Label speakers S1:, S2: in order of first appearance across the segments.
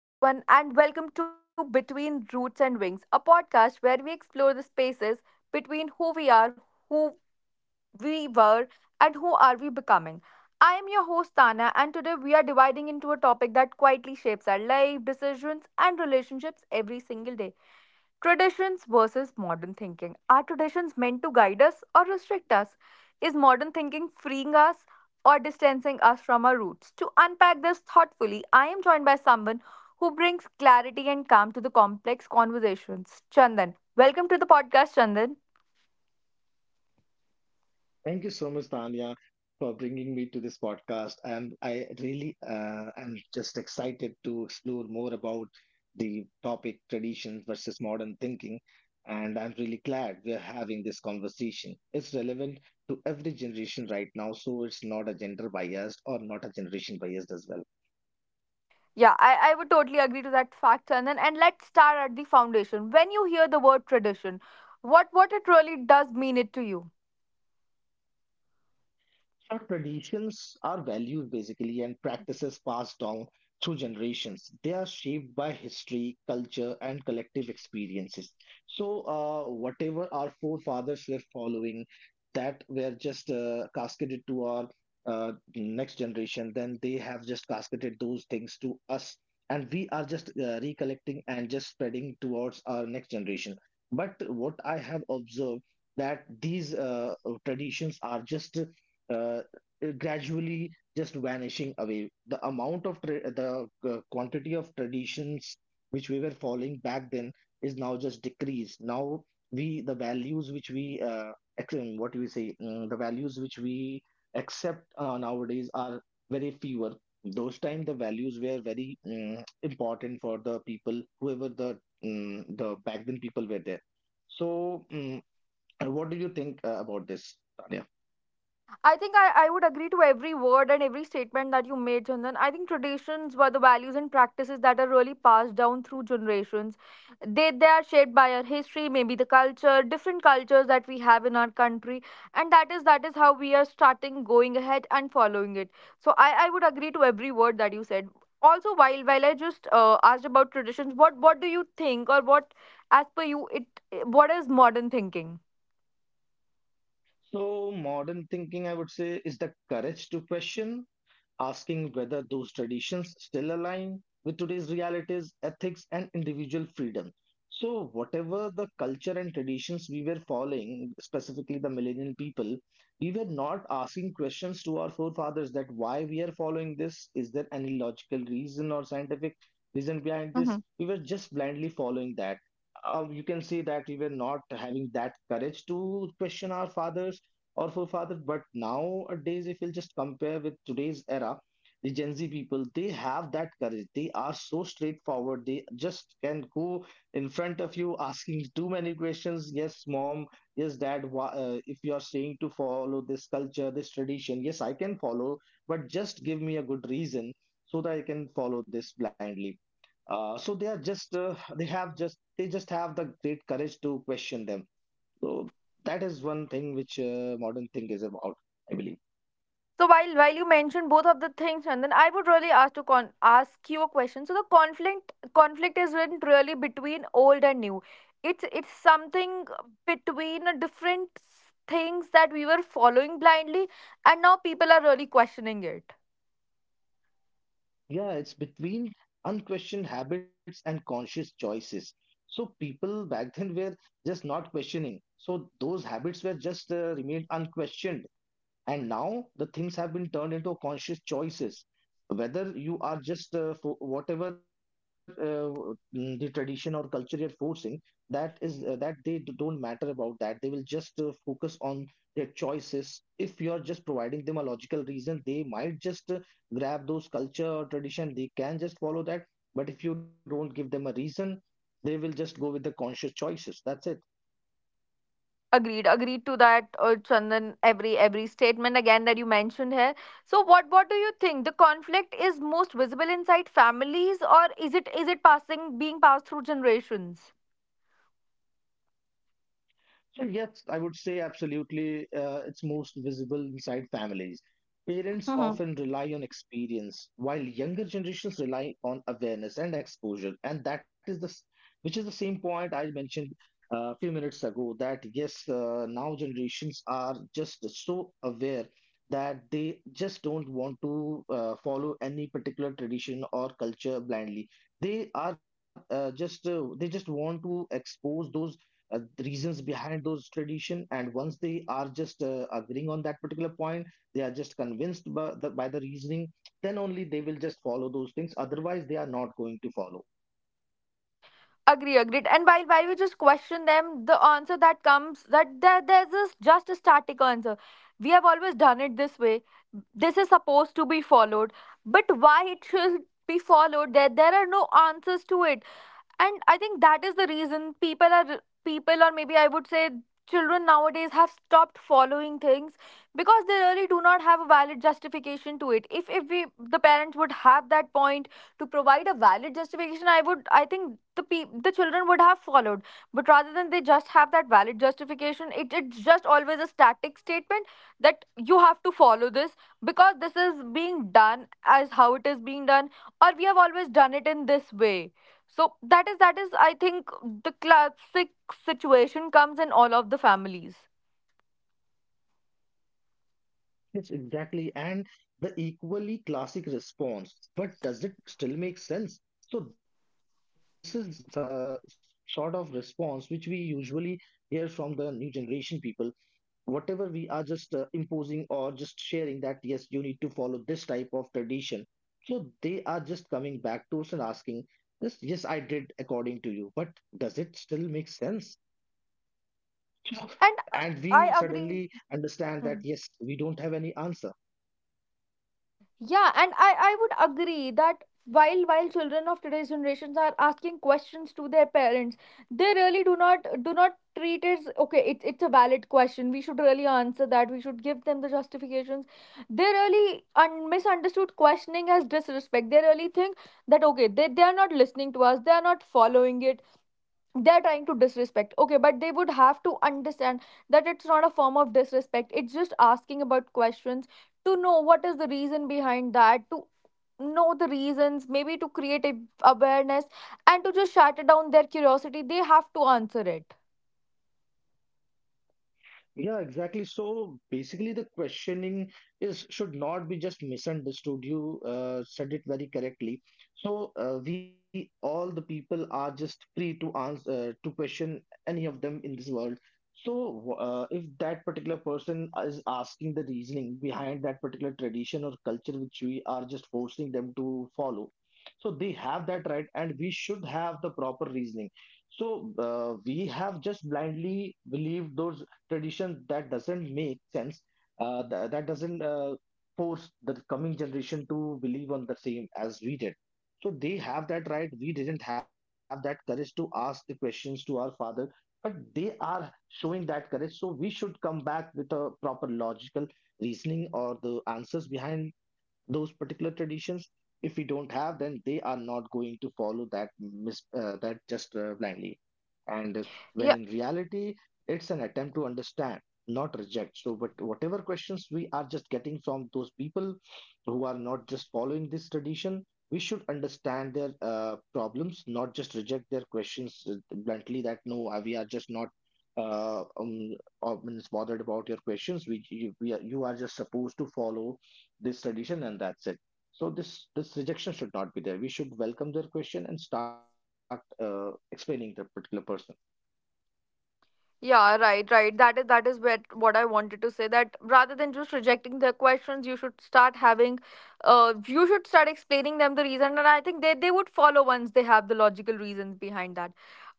S1: Hello, everyone, and welcome to Between Roots and Wings, a podcast where we explore the spaces between who we are, who we were and who are we becoming. I am your host Tana and today we are dividing into a topic that quietly shapes our life, decisions and relationships every single day. Traditions versus modern thinking. Are traditions meant to guide us or restrict us? Is modern thinking freeing us or distancing us from our roots? To unpack this thoughtfully, I am joined by someone who brings clarity and calm to the complex conversations. Chandan. Welcome to the podcast, Chandan.
S2: Thank you so much, Tanya, for bringing me to this podcast. And I really am just excited to explore more about the topic traditions versus modern thinking. And I'm really glad we're having this conversation. It's relevant to every generation right now, so it's not a gender biased or not a generation biased as well.
S1: Yeah, I would totally agree to that fact, Chandan. And let's start at the foundation. When you hear the word tradition, what it really does mean it to you?
S2: So traditions are values basically and practices passed down through generations. They are shaped by history, culture, and collective experiences. So whatever our forefathers were following, that were just cascaded to our next generation. Then they have just cascaded those things to us, and we are just recollecting and just spreading towards our next generation. But what I have observed that these traditions are just uh, uh, gradually just vanishing away. The amount of the quantity of traditions which we were following back then is now just decreased. Now we the values which we what do we say? The values which we accept nowadays are very fewer. Those time the values were very important for the people whoever the the back then people were there. So what do you think about this, Tanya?
S1: I think I would agree to every word and every statement that you made, Chandan. I think traditions were the values and practices that are really passed down through generations. They are shaped by our history, maybe the culture, different cultures that we have in our country. And that is how we are starting going ahead and following it. So I would agree to every word that you said. Also, while I just asked about traditions, what do you think or what as per you it what is modern thinking?
S2: So, modern thinking, I would say, is the courage to question, asking whether those traditions still align with today's realities, ethics, and individual freedom. So, whatever the culture and traditions we were following, specifically the millennial people, we were not asking questions to our forefathers that why we are following this, is there any logical reason or scientific reason behind this? We were just blindly following that. You can say that we were not having that courage to question our fathers or forefathers. But nowadays, if we will just compare with today's era, the Gen Z people, they have that courage. They are so straightforward. They just can go in front of you asking too many questions. Yes, mom. Yes, dad. Why, if you are saying to follow this culture, this tradition, yes, I can follow, but just give me a good reason so that I can follow this blindly. So they just have the great courage to question them, so that is one thing which modern thing is about, I believe.
S1: So while you mentioned both of the things, and then I would really ask to ask you a question. So the conflict is written really between old and new. It's something between a different things that we were following blindly, and now people are really questioning it.
S2: Yeah, it's between unquestioned habits and conscious choices. So people back then were just not questioning. So those habits were just remained unquestioned, and now the things have been turned into conscious choices, whether you are just for whatever the tradition or culture you're forcing, that is that they don't matter about that. They will just focus on their choices. If you're just providing them a logical reason, they might just grab those culture or tradition, they can just follow that. But if you don't give them a reason, they will just go with the conscious choices, that's it.
S1: Agreed, agreed to that, Chandan. Every statement again that you mentioned here. So what do you think? The conflict is most visible inside families, or is it passing being passed through generations?
S2: So yes, I would say absolutely. It's most visible inside families. Parents often rely on experience, while younger generations rely on awareness and exposure. And that is which is the same point I mentioned a few minutes ago. That yes, now generations are just so aware that they just don't want to follow any particular tradition or culture blindly. They just want to expose those the reasons behind those tradition, and once they are just agreeing on that particular point, they are just convinced by by the reasoning, then only they will just follow those things, otherwise they are not going to follow.
S1: Agree, agreed. And while we just question them, the answer that comes that there's this just a static answer. We have always done it this way. This is supposed to be followed, but why it should be followed? There are no answers to it. And I think that is the reason people are people or maybe I would say children nowadays have stopped following things because they really do not have a valid justification to it. If we the parents would have that point to provide a valid justification, I think the the children would have followed. But rather than they just have that valid justification, it's just always a static statement that you have to follow this because this is being done as how it is being done or we have always done it in this way so that is I think the classic situation comes in all of the families.
S2: Yes, exactly. And the equally classic response, but does it still make sense? So this is the sort of response which we usually hear from the new generation people. Whatever we are just imposing or just sharing, that yes, you need to follow this type of tradition, so they are just coming back to us and asking this, yes, I did according to you, but does it still make sense?
S1: And
S2: And we
S1: I agree.
S2: suddenly understand that
S1: Mhm.
S2: yes, we don't have any answer.
S1: Yeah, and I would agree that while children of today's generations are asking questions to their parents, they really do not treat it as okay, it's a valid question. We should really answer that. We should give them the justifications. They really misunderstood questioning as disrespect. They really think that okay, they are not listening to us, they are not following it, they're trying to disrespect, okay, but they would have to understand that it's not a form of disrespect, it's just asking about questions to know what is the reason behind that, to know the reasons, maybe to create a awareness, and to just shatter down their curiosity they have to answer it.
S2: Yeah, exactly. So basically, the questioning is should not be just misunderstood. You said it very correctly. So we all the people are just free to answer to question any of them in this world. So if that particular person is asking the reasoning behind that particular tradition or culture which we are just forcing them to follow, so they have that right, and we should have the proper reasoning. So we have just blindly believed those tradition that doesn't make sense, that doesn't force the coming generation to believe on the same as we did. So they have that right. We didn't have that courage to ask the questions to our father, but they are showing that courage, so we should come back with a proper logical reasoning or the answers behind those particular traditions. If we don't have, then they are not going to follow that that just blindly. And when in reality it's an attempt to understand, not reject. So but whatever questions we are just getting from those people who are not just following this tradition, we should understand their problems, not just reject their questions bluntly, that no, we are just not uh, um, means bothered about your questions. We you, we are, You are just supposed to follow this tradition and that's it. So this rejection should not be there. We should welcome their question and start explaining the particular person.
S1: Yeah, right, right. That is what I wanted to say. That rather than just rejecting their questions, you should start having, you should start explaining them the reason, and I think they would follow once they have the logical reasons behind that.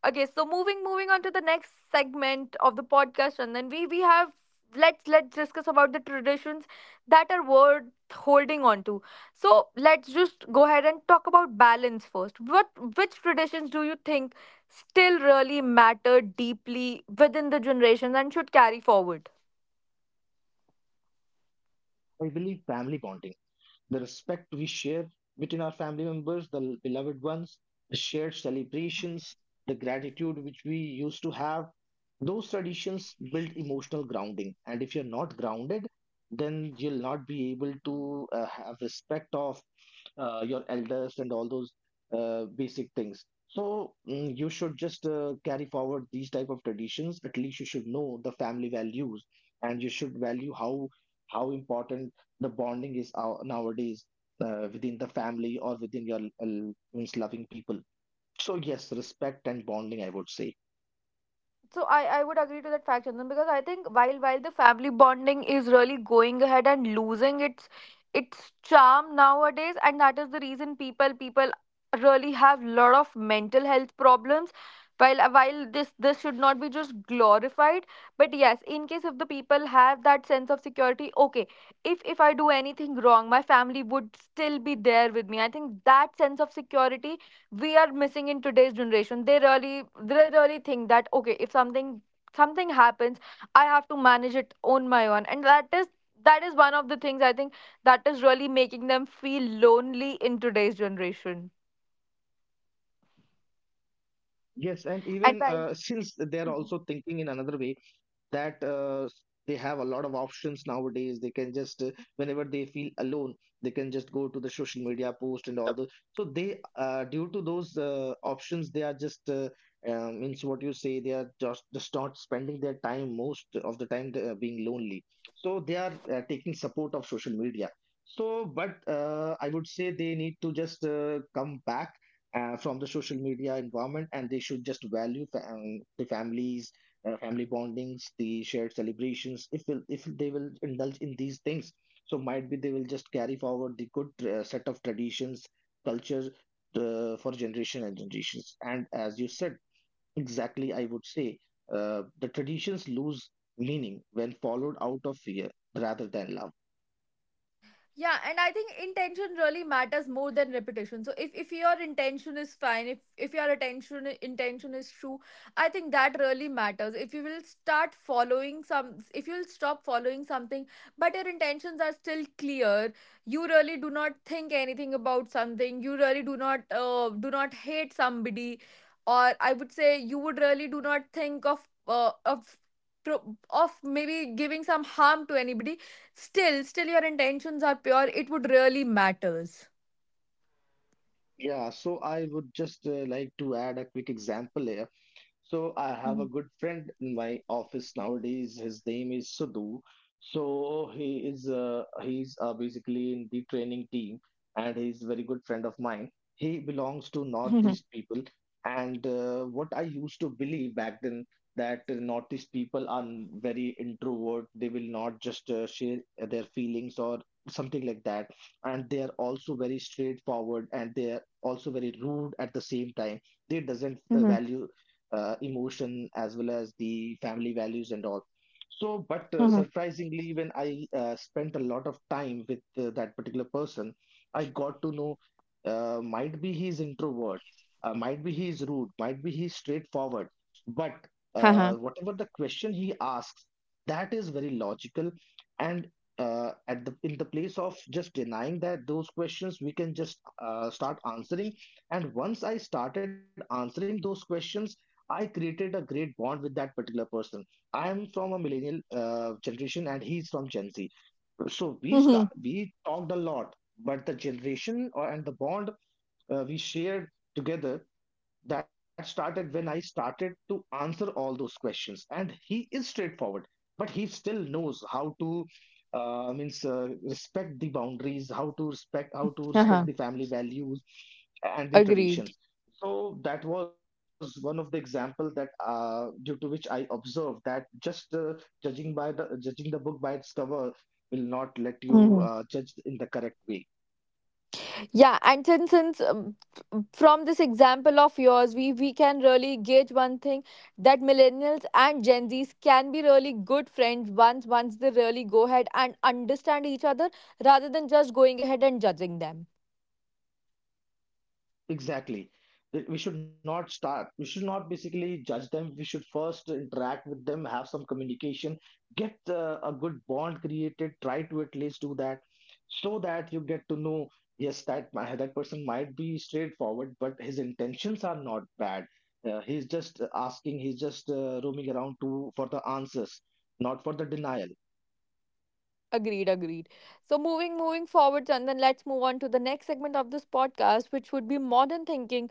S1: Okay, so moving on to the next segment of the podcast, and then we have let's discuss about the traditions that are worth holding on to. So let's just go ahead and talk about balance first. What which traditions do you think still really mattered deeply within the generations and should carry forward?
S2: I believe family bonding, the respect we share between our family members, the beloved ones, the shared celebrations, the gratitude which we used to have, those traditions build emotional grounding. And if you're not grounded, then you'll not be able to have respect of your elders and all those basic things. So you should just carry forward these type of traditions. At least you should know the family values, and you should value how important the bonding is our, nowadays within the family or within your means loving people. So yes, respect and bonding, I would say.
S1: So I would agree to that fact, Chandan, because I think while the family bonding is really going ahead and losing its charm nowadays, and that is the reason people really have lot of mental health problems. While this this should not be just glorified, but yes, in case if the people have that sense of security, okay, if I do anything wrong, my family would still be there with me. I think that sense of security we are missing in today's generation. They really they really think that okay, if something happens I have to manage it on my own, and that is one of the things I think that is really making them feel lonely in today's generation
S2: Yes, and even
S1: and by
S2: since they are also thinking in another way, that they have a lot of options nowadays. They can just whenever they feel alone, they can just go to the social media post and all those. So they due to those options, they are just means what you say, they are just not spending their time most of the time they being lonely, so they are taking support of social media. So but I would say they need to just come back from the social media environment, and they should just value the families, family bondings, the shared celebrations. If will, if they will indulge in these things, so might be they will just carry forward the good set of traditions, culture, for generation and generations. And as you said, exactly, I would say the traditions lose meaning when followed out of fear rather than love.
S1: Yeah, and I think intention really matters more than reputation. So if your intention is fine, if your attention intention is true, I think that really matters. If you will start following some, if you'll stop following something but your intentions are still clear, you really do not think anything about something, you really do not hate somebody, or I would say you would really do not think of of maybe giving some harm to anybody. Still still your intentions are pure, it would really matters.
S2: Yeah, so I would just like to add a quick example here. So I have a
S1: Mhm.
S2: good friend in my office nowadays. His name is Sidhu. So he is he's basically in the training team, and he's a very good friend of mine. He belongs to
S1: Mhm.
S2: Northeast people, and what I used to believe back then, that the Northeast people are very introvert. They will not just share their feelings or something like that, and they are also very straightforward and they are also very rude at the same time. They doesn't
S1: Mhm.
S2: value emotion as well as the family values and all. So, but
S1: Mhm.
S2: surprisingly, when I spent a lot of time with that particular person, I got to know might be he's introvert, might be he's rude, might be he's straightforward, but
S1: Haha.
S2: whatever the question he asks, that is very logical, and at the in the place of just denying that those questions, we can just start answering. And once I started answering those questions, I created a great bond with that particular person. I am from a millennial generation and he's from Gen Z. So
S1: Mhm.
S2: we talked a lot, but the generation and the bond we shared together, that started when I started to answer all those questions. And he is straightforward, but he still knows how to means respect the boundaries, how to respect
S1: Haha.
S2: the family values and
S1: Agreed.
S2: the traditions. So that was one of the example that due to which I observed that just judging by the judging the book by its cover will not let you
S1: Mhm.
S2: judge in the correct way.
S1: Yeah, and since from this example of yours, we can really gauge one thing that millennials and Gen Zs can be really good friends once they really go ahead and understand each other rather than just going ahead and judging them.
S2: Exactly. We should not start. We should not basically judge them. We should first interact with them, have some communication, get a good bond created. Try to at least do that, so that you get to know. Yes, that that person might be straightforward, but his intentions are not bad. He's just asking. He's just roaming around to for the answers, not for the denial.
S1: Agreed, agreed. So moving forward, Chandan, let's move on to the next segment of this podcast, which would be modern thinking,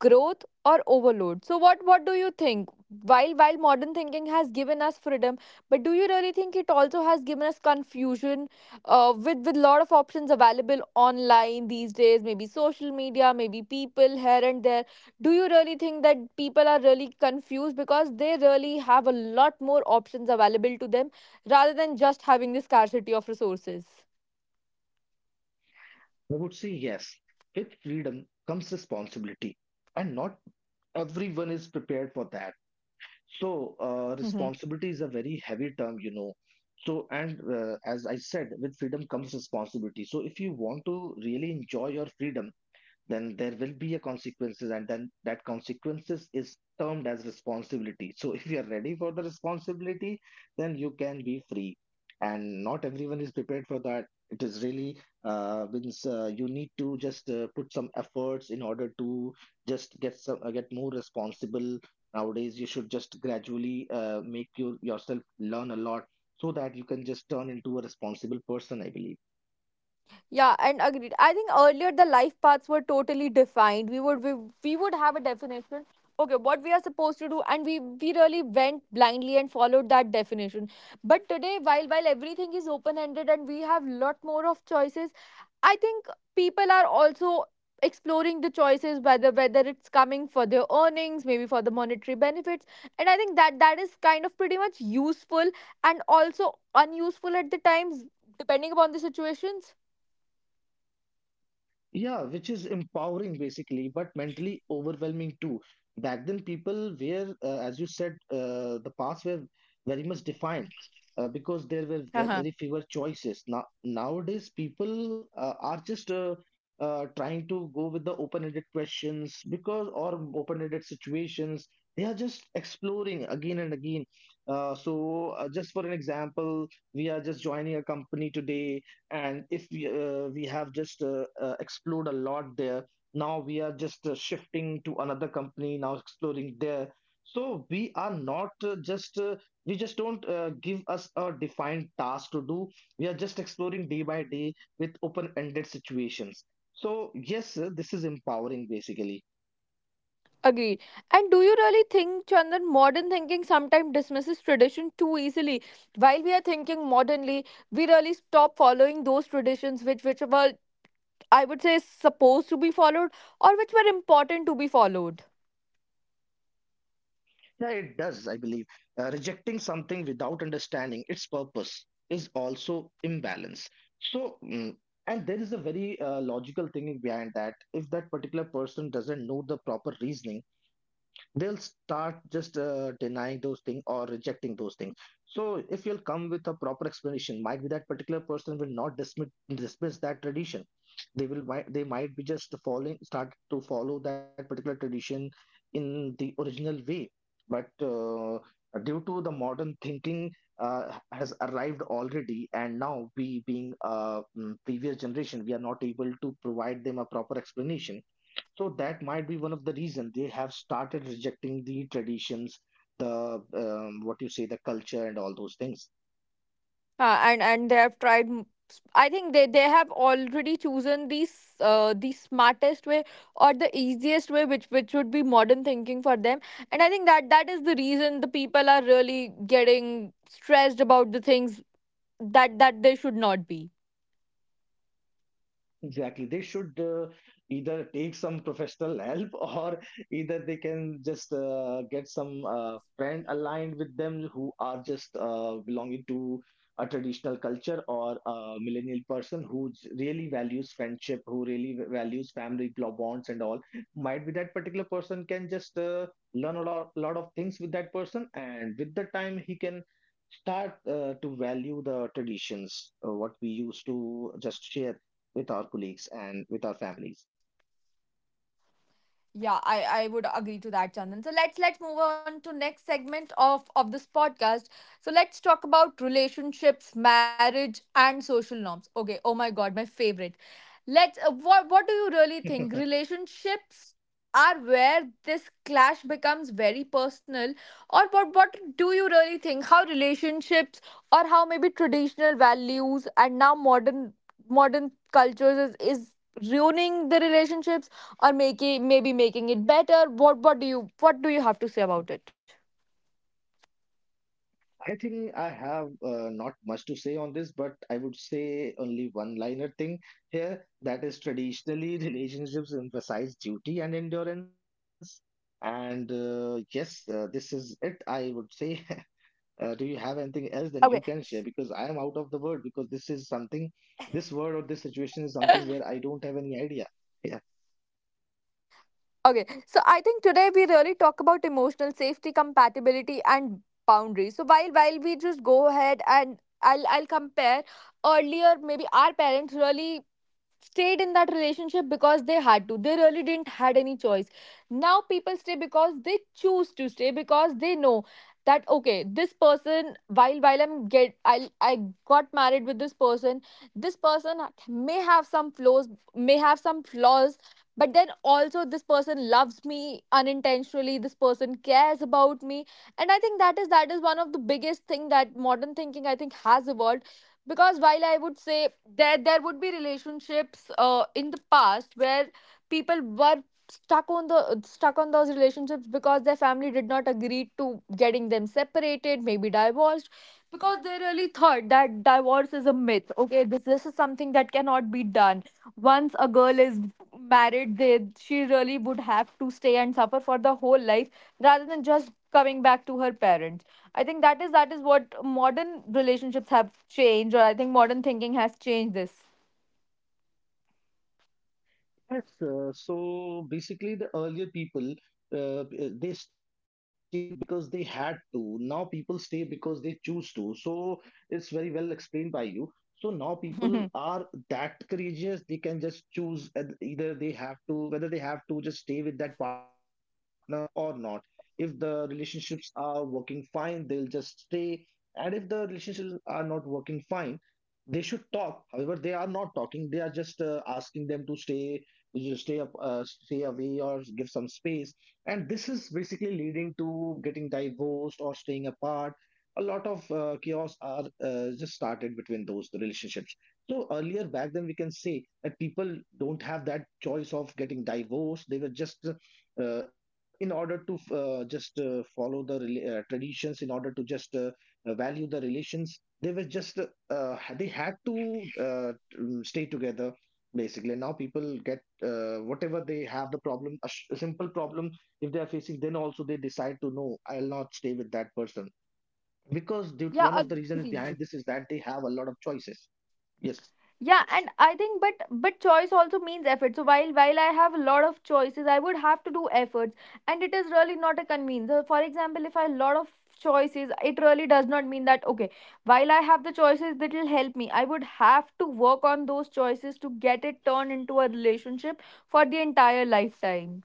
S1: growth or overload. So what do you think? While modern thinking has given us freedom, but do you really think it also has given us confusion? With lot of options available online these days, maybe social media, maybe people here and there, do you really think that people are really confused because they really have a lot more options available to them rather than just having the scarcity of resources?
S2: I would say yes. With freedom comes responsibility, and not everyone is prepared for that.
S1: Hmm,
S2: So
S1: hmm.
S2: responsibility is a very heavy term, you know. So and as I said, with freedom comes responsibility. So if you want to really enjoy your freedom, then there will be a consequences, and then that consequences is termed as responsibility. So if you are ready for the responsibility, then you can be free, and not everyone is prepared for that. It is really means you need to just put some efforts in order to just get some get more responsible. Nowadays you should just gradually make yourself learn a lot, so that you can just turn into a responsible person, I believe.
S1: Yeah, and agreed. I think earlier the life paths were totally defined. We would have a definition. Okay, what we are supposed to do, and we really went blindly and followed that definition. But today, while everything is open ended and we have lot more of choices, I think people are also exploring the choices, whether it's coming for their earnings, maybe for the monetary benefits, and I think that that is kind of pretty much useful and also unuseful at the times, depending upon the situations.
S2: Yeah, which is empowering basically, but mentally overwhelming too. Back then, people were, as you said, the paths were very much defined because there were very fewer choices. Now, nowadays, people are just trying to go with the open-ended questions, because or open-ended situations. They are just exploring again and again. Just for an example, we are just joining a company today, and if we have just explored a lot there, now we are just shifting to another company, now exploring there. So we are not just we just don't give us a defined task to do. We are just exploring day by day with open ended situations. So yes, this is empowering basically.
S1: Agreed. And do you really think, Chandan, modern thinking sometimes dismisses tradition too easily? While we are thinking modernly, we really stop following those traditions which were I would say supposed to be followed or which were important to be followed.
S2: Yeah, it does, I believe. Rejecting something without understanding its purpose is also imbalance. So, and there is a very logical thinking behind that. If that particular person doesn't know the proper reasoning, they'll start just denying those things or rejecting those things. So, if you'll come with a proper explanation, might be that particular person will not dismiss that tradition. They might be just following start to follow that particular tradition in the original way, but due to the modern thinking has arrived already, and now we being a previous generation, we are not able to provide them a proper explanation. So that might be one of the reason they have started rejecting the traditions, the what you say, the culture and all those things.
S1: And they have tried. I think they have already chosen the the smartest way or the easiest way, which would be modern thinking for them. And I think that that is the reason the people are really getting stressed about the things that that there should not be.
S2: Exactly. They should either take some professional help or either they can just get some friend aligned with them who are just belonging to a traditional culture, or a millennial person who really values friendship, who really values family bonds and all. Might be that particular person can just learn a lot, lot of things with that person, and with the time he can start to value the traditions what we used to just share with our colleagues and with our families.
S1: Yeah, I would agree to that, Chandan. So let's move on to next segment of this podcast. So let's talk about relationships, marriage, and social norms. Okay. Oh my God, my favorite. Let's. What do you really think? Relationships are where this clash becomes very personal, or what do you really think? How relationships, or how maybe traditional values and now modern cultures is ruining the relationships or making maybe making it better, what do you have to say about it?
S2: I think I have not much to say on this, but I would say only one liner thing here, that is traditionally relationships emphasize duty and endurance. And yes, this is it. I would say, do you have anything else then you
S1: Okay.
S2: can share? Because I am out of the word, because this is something, this word or this situation is something where I don't have any idea.
S1: Okay, so I think today we really talk about emotional safety, compatibility, and boundaries. So while we just go ahead, and I'll compare, earlier maybe our parents really stayed in that relationship because they had to. They really didn't had any choice. Now people stay because they choose to stay, because they know that okay, this person, while I'm get I got married with this person, this person may have some flaws but then also this person loves me unintentionally, this person cares about me. And I think that is one of the biggest thing that modern thinking, I think, has evolved. Because while I would say that there would be relationships in the past where people were stuck on the stuck on those relationships because their family did not agree to getting them separated, maybe divorced, because they really thought that divorce is a myth. Okay, this is something that cannot be done. Once a girl is married, they she really would have to stay and suffer for the whole life, rather than just coming back to her parents. I think that is what modern relationships have changed, or I think modern thinking has changed this.
S2: Yes, so basically, the earlier people uh, uh, they stayed because they had to. Now people stay because they choose to. So it's very well explained by you. So now people are that courageous; they can just choose and either they have to, whether they have to just stay with that partner or not. If the relationships are working fine, they'll just stay. And if the relationships are not working fine, they should talk. However, they are not talking. They are just asking them to stay, you should stay up, stay away, or give some space. And this is basically leading to getting divorced or staying apart. A lot of chaos are just started between those relationships. So earlier back then, we can say that people don't have that choice of getting divorced. They were just in order to just follow the traditions, in order to just value the relations. They were just they had to stay together basically. Now people get whatever they have the problem, a simple problem, if they are facing, then also they decide to, no, I'll not stay with that person, because due
S1: Yeah,
S2: one of the reasons
S1: agree.
S2: behind this is that they have a lot of choices. Yes.
S1: Yeah, and I think but choice also means effort. So while I have a lot of choices, I would have to do efforts, and it is really not a convenience. So for example, if I have a lot of choices, it really does not mean that okay, while I have the choices that will help me, I would have to work on those choices to get it turned into a relationship for the entire lifetime.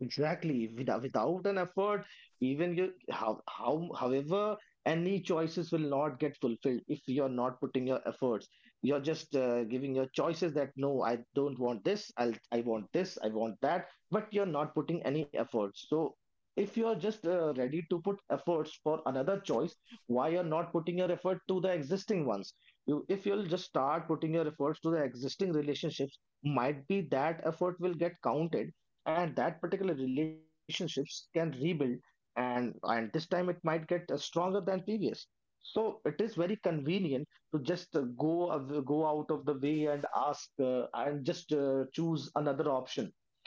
S2: Exactly. Without an effort, even you how however any choices will not get fulfilled if you're not putting your efforts. You're just giving your choices that no, I don't want this. I want this. I want that. But you're not putting any efforts. So if you're just ready to put efforts for another choice, why you're not putting your effort to the existing ones? If you'll just start putting your efforts to the existing relationships, might be that effort will get counted, and that particular relationships can rebuild, and this time it might get stronger than previous. So it is very convenient to just go out of the way and ask and just choose another option,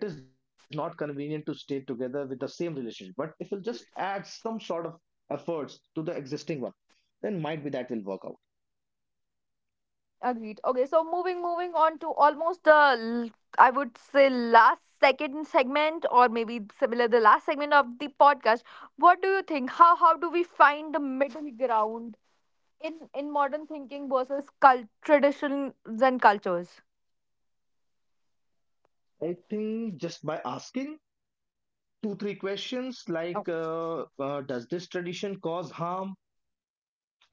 S2: but it is not convenient to stay together with the same relationship. But if you'll just add some sort of efforts to the existing one, then might be that will work
S1: Agreed. Okay, so moving on to almost the I would say last second segment, or maybe similar, the last segment of the podcast. What do you think? How do we find the middle ground in modern thinking versus cult traditions and cultures?
S2: out. I think just by asking two three questions like does this tradition cause harm,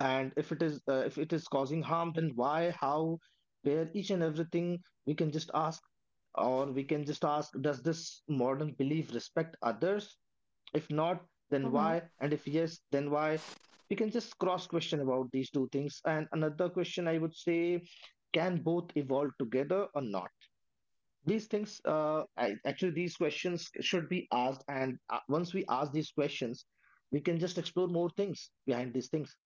S2: and if it is causing harm, then why, how, where, each and everything we can just ask. Or we can just ask, does this modern belief respect others? If not, then why?
S1: Okay.
S2: And if yes, then why? We can just cross question about these two things. And another question I would say, can both evolve together or not? These things actually these questions should be asked, and once we ask these questions, we can just explore more things behind these things.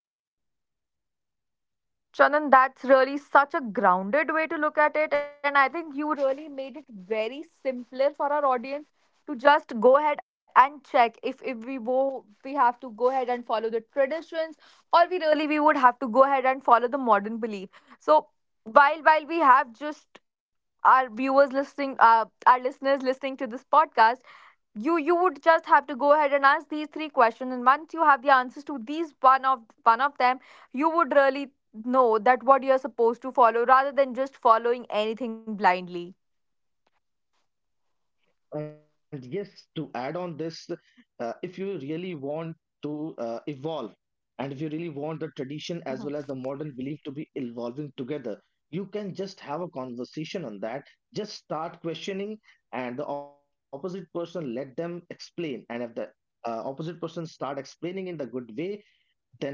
S1: Chandan, that's really such a grounded way to look at it. And I think you really made it very simpler for our audience to just go ahead and check if, we we have to go ahead and follow the traditions, or we would have to go ahead and follow the modern belief. So while we have just our viewers listening, our listeners listening to this podcast, you would just have to go ahead and ask these three questions, and once you have the answers to these, one of them, you would really know that what you're supposed to follow, rather than just following anything blindly.
S2: And yes, to add on this, if you really want to evolve, and if you really want the
S1: Mm-hmm.
S2: tradition as well as the modern belief to be evolving together, you can just have a conversation on that. Just start questioning, and the opposite person, let them explain. And if the opposite person start explaining in the good way,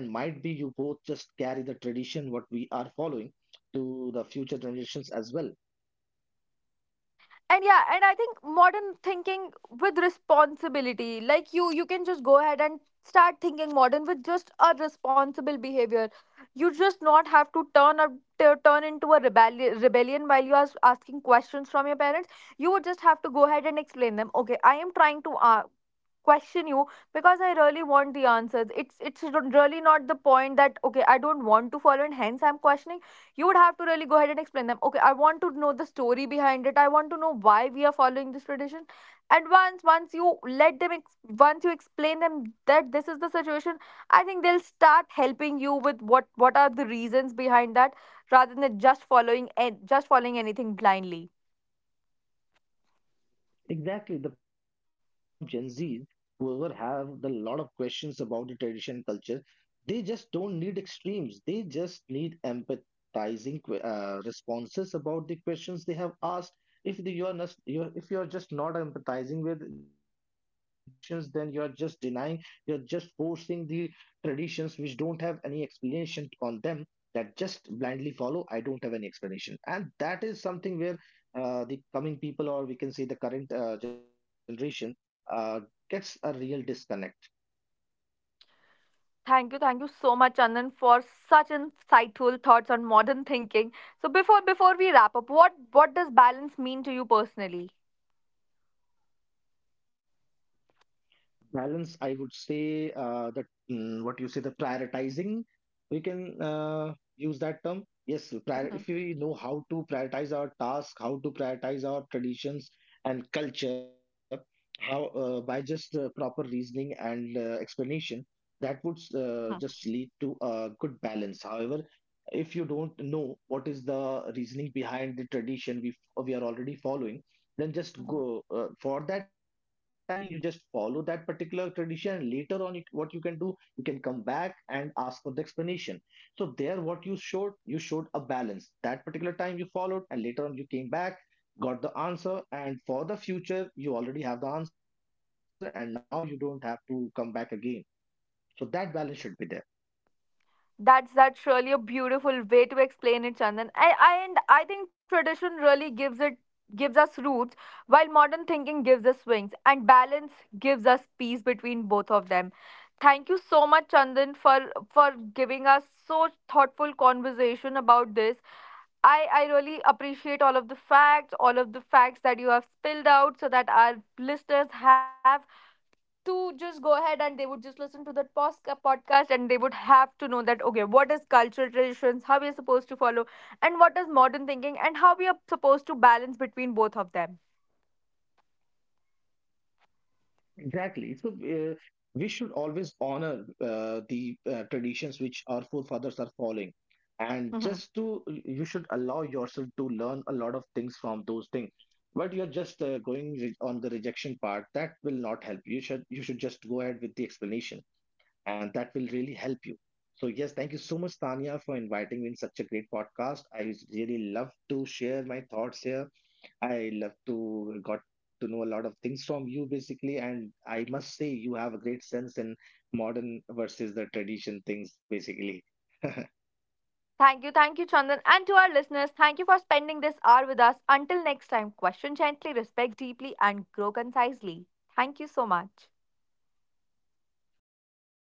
S2: then might be you both just carry the tradition what we are following to the future generations as well.
S1: And yeah, and I think modern thinking with responsibility, like you can just go ahead and start thinking modern with just a responsible behavior. You just not have to turn into a rebellion while you are asking questions from your parents. You would just have to go ahead and explain them, okay, I am trying to question you because I really want the answers. It's really not the point that okay, I don't want to follow and hence I'm questioning. You would have to really go ahead and explain them. Okay, I want to know the story behind it. I want to know why we are following this tradition. And once you once you explain them that this is the situation, I think they'll start helping you with what are the reasons behind that, rather than just following and just following anything blindly.
S2: Exactly. The people from Gen Z, whoever have the lot of questions about the tradition and culture, they just don't need extremes. They just need empathizing responses about the questions they have asked. If the, you are not, you're, if you are just not empathizing with their questions, then you are just denying, you are just forcing the traditions which don't have any explanation on them, that just blindly follow. I don't have any explanation, and that is something where the coming people, or we can say the current generation uh, gets a real disconnect.
S1: Thank you so much, Anand, for such insightful thoughts on modern thinking. So before we wrap up, what does balance mean to you personally?
S2: Balance, I would say that, what you say, the prioritizing, we can use that term. Yes, if
S1: Mhm.
S2: we know how to prioritize our task, how to prioritize our traditions and culture, how by just proper reasoning and explanation, that would just
S1: Mhm.
S2: lead to a good balance. However, if you don't know what is the reasoning behind the tradition we are already following, then just
S1: Mhm.
S2: go for that time being you just follow that particular tradition. Later on, what you can do, you can come back and ask for the explanation. So there, what you showed a balance. That particular time you followed, and later on you came back, got the answer, and for the future you already have the answer, and now you don't have to come back again. So that balance should be there.
S1: That's really a beautiful way to explain it, Chandan. I and I think tradition really gives us roots, while modern thinking gives us wings, and balance gives us peace between both of them. Thank you so much, Chandan, for giving us so thoughtful conversation about this. I really appreciate all of the facts, all of the facts that you have spilled out, so that our listeners have to just go ahead and they would just listen to that podcast, and they would have to know that okay, what is cultural traditions, how we are supposed to follow, and what is modern thinking, and how we are supposed to balance between both of them.
S2: Exactly. So we should always honor the traditions which our forefathers are following. And
S1: Mhm.
S2: you should allow yourself to learn a lot of things from those things. But you're just on the rejection part. That will not help. You should just go ahead with the explanation, and that will really help you. So yes, thank you so much, Tanya, for inviting me in such a great podcast. I really love to share my thoughts here. I love to got to know a lot of things from you basically, and I must say you have a great sense in modern versus the tradition things basically.
S1: Thank you, Chandan. And to our listeners, thank you for spending this hour with us. Until next time, question gently, respect deeply, and grow concisely. Thank you so much.
S2: Thank you.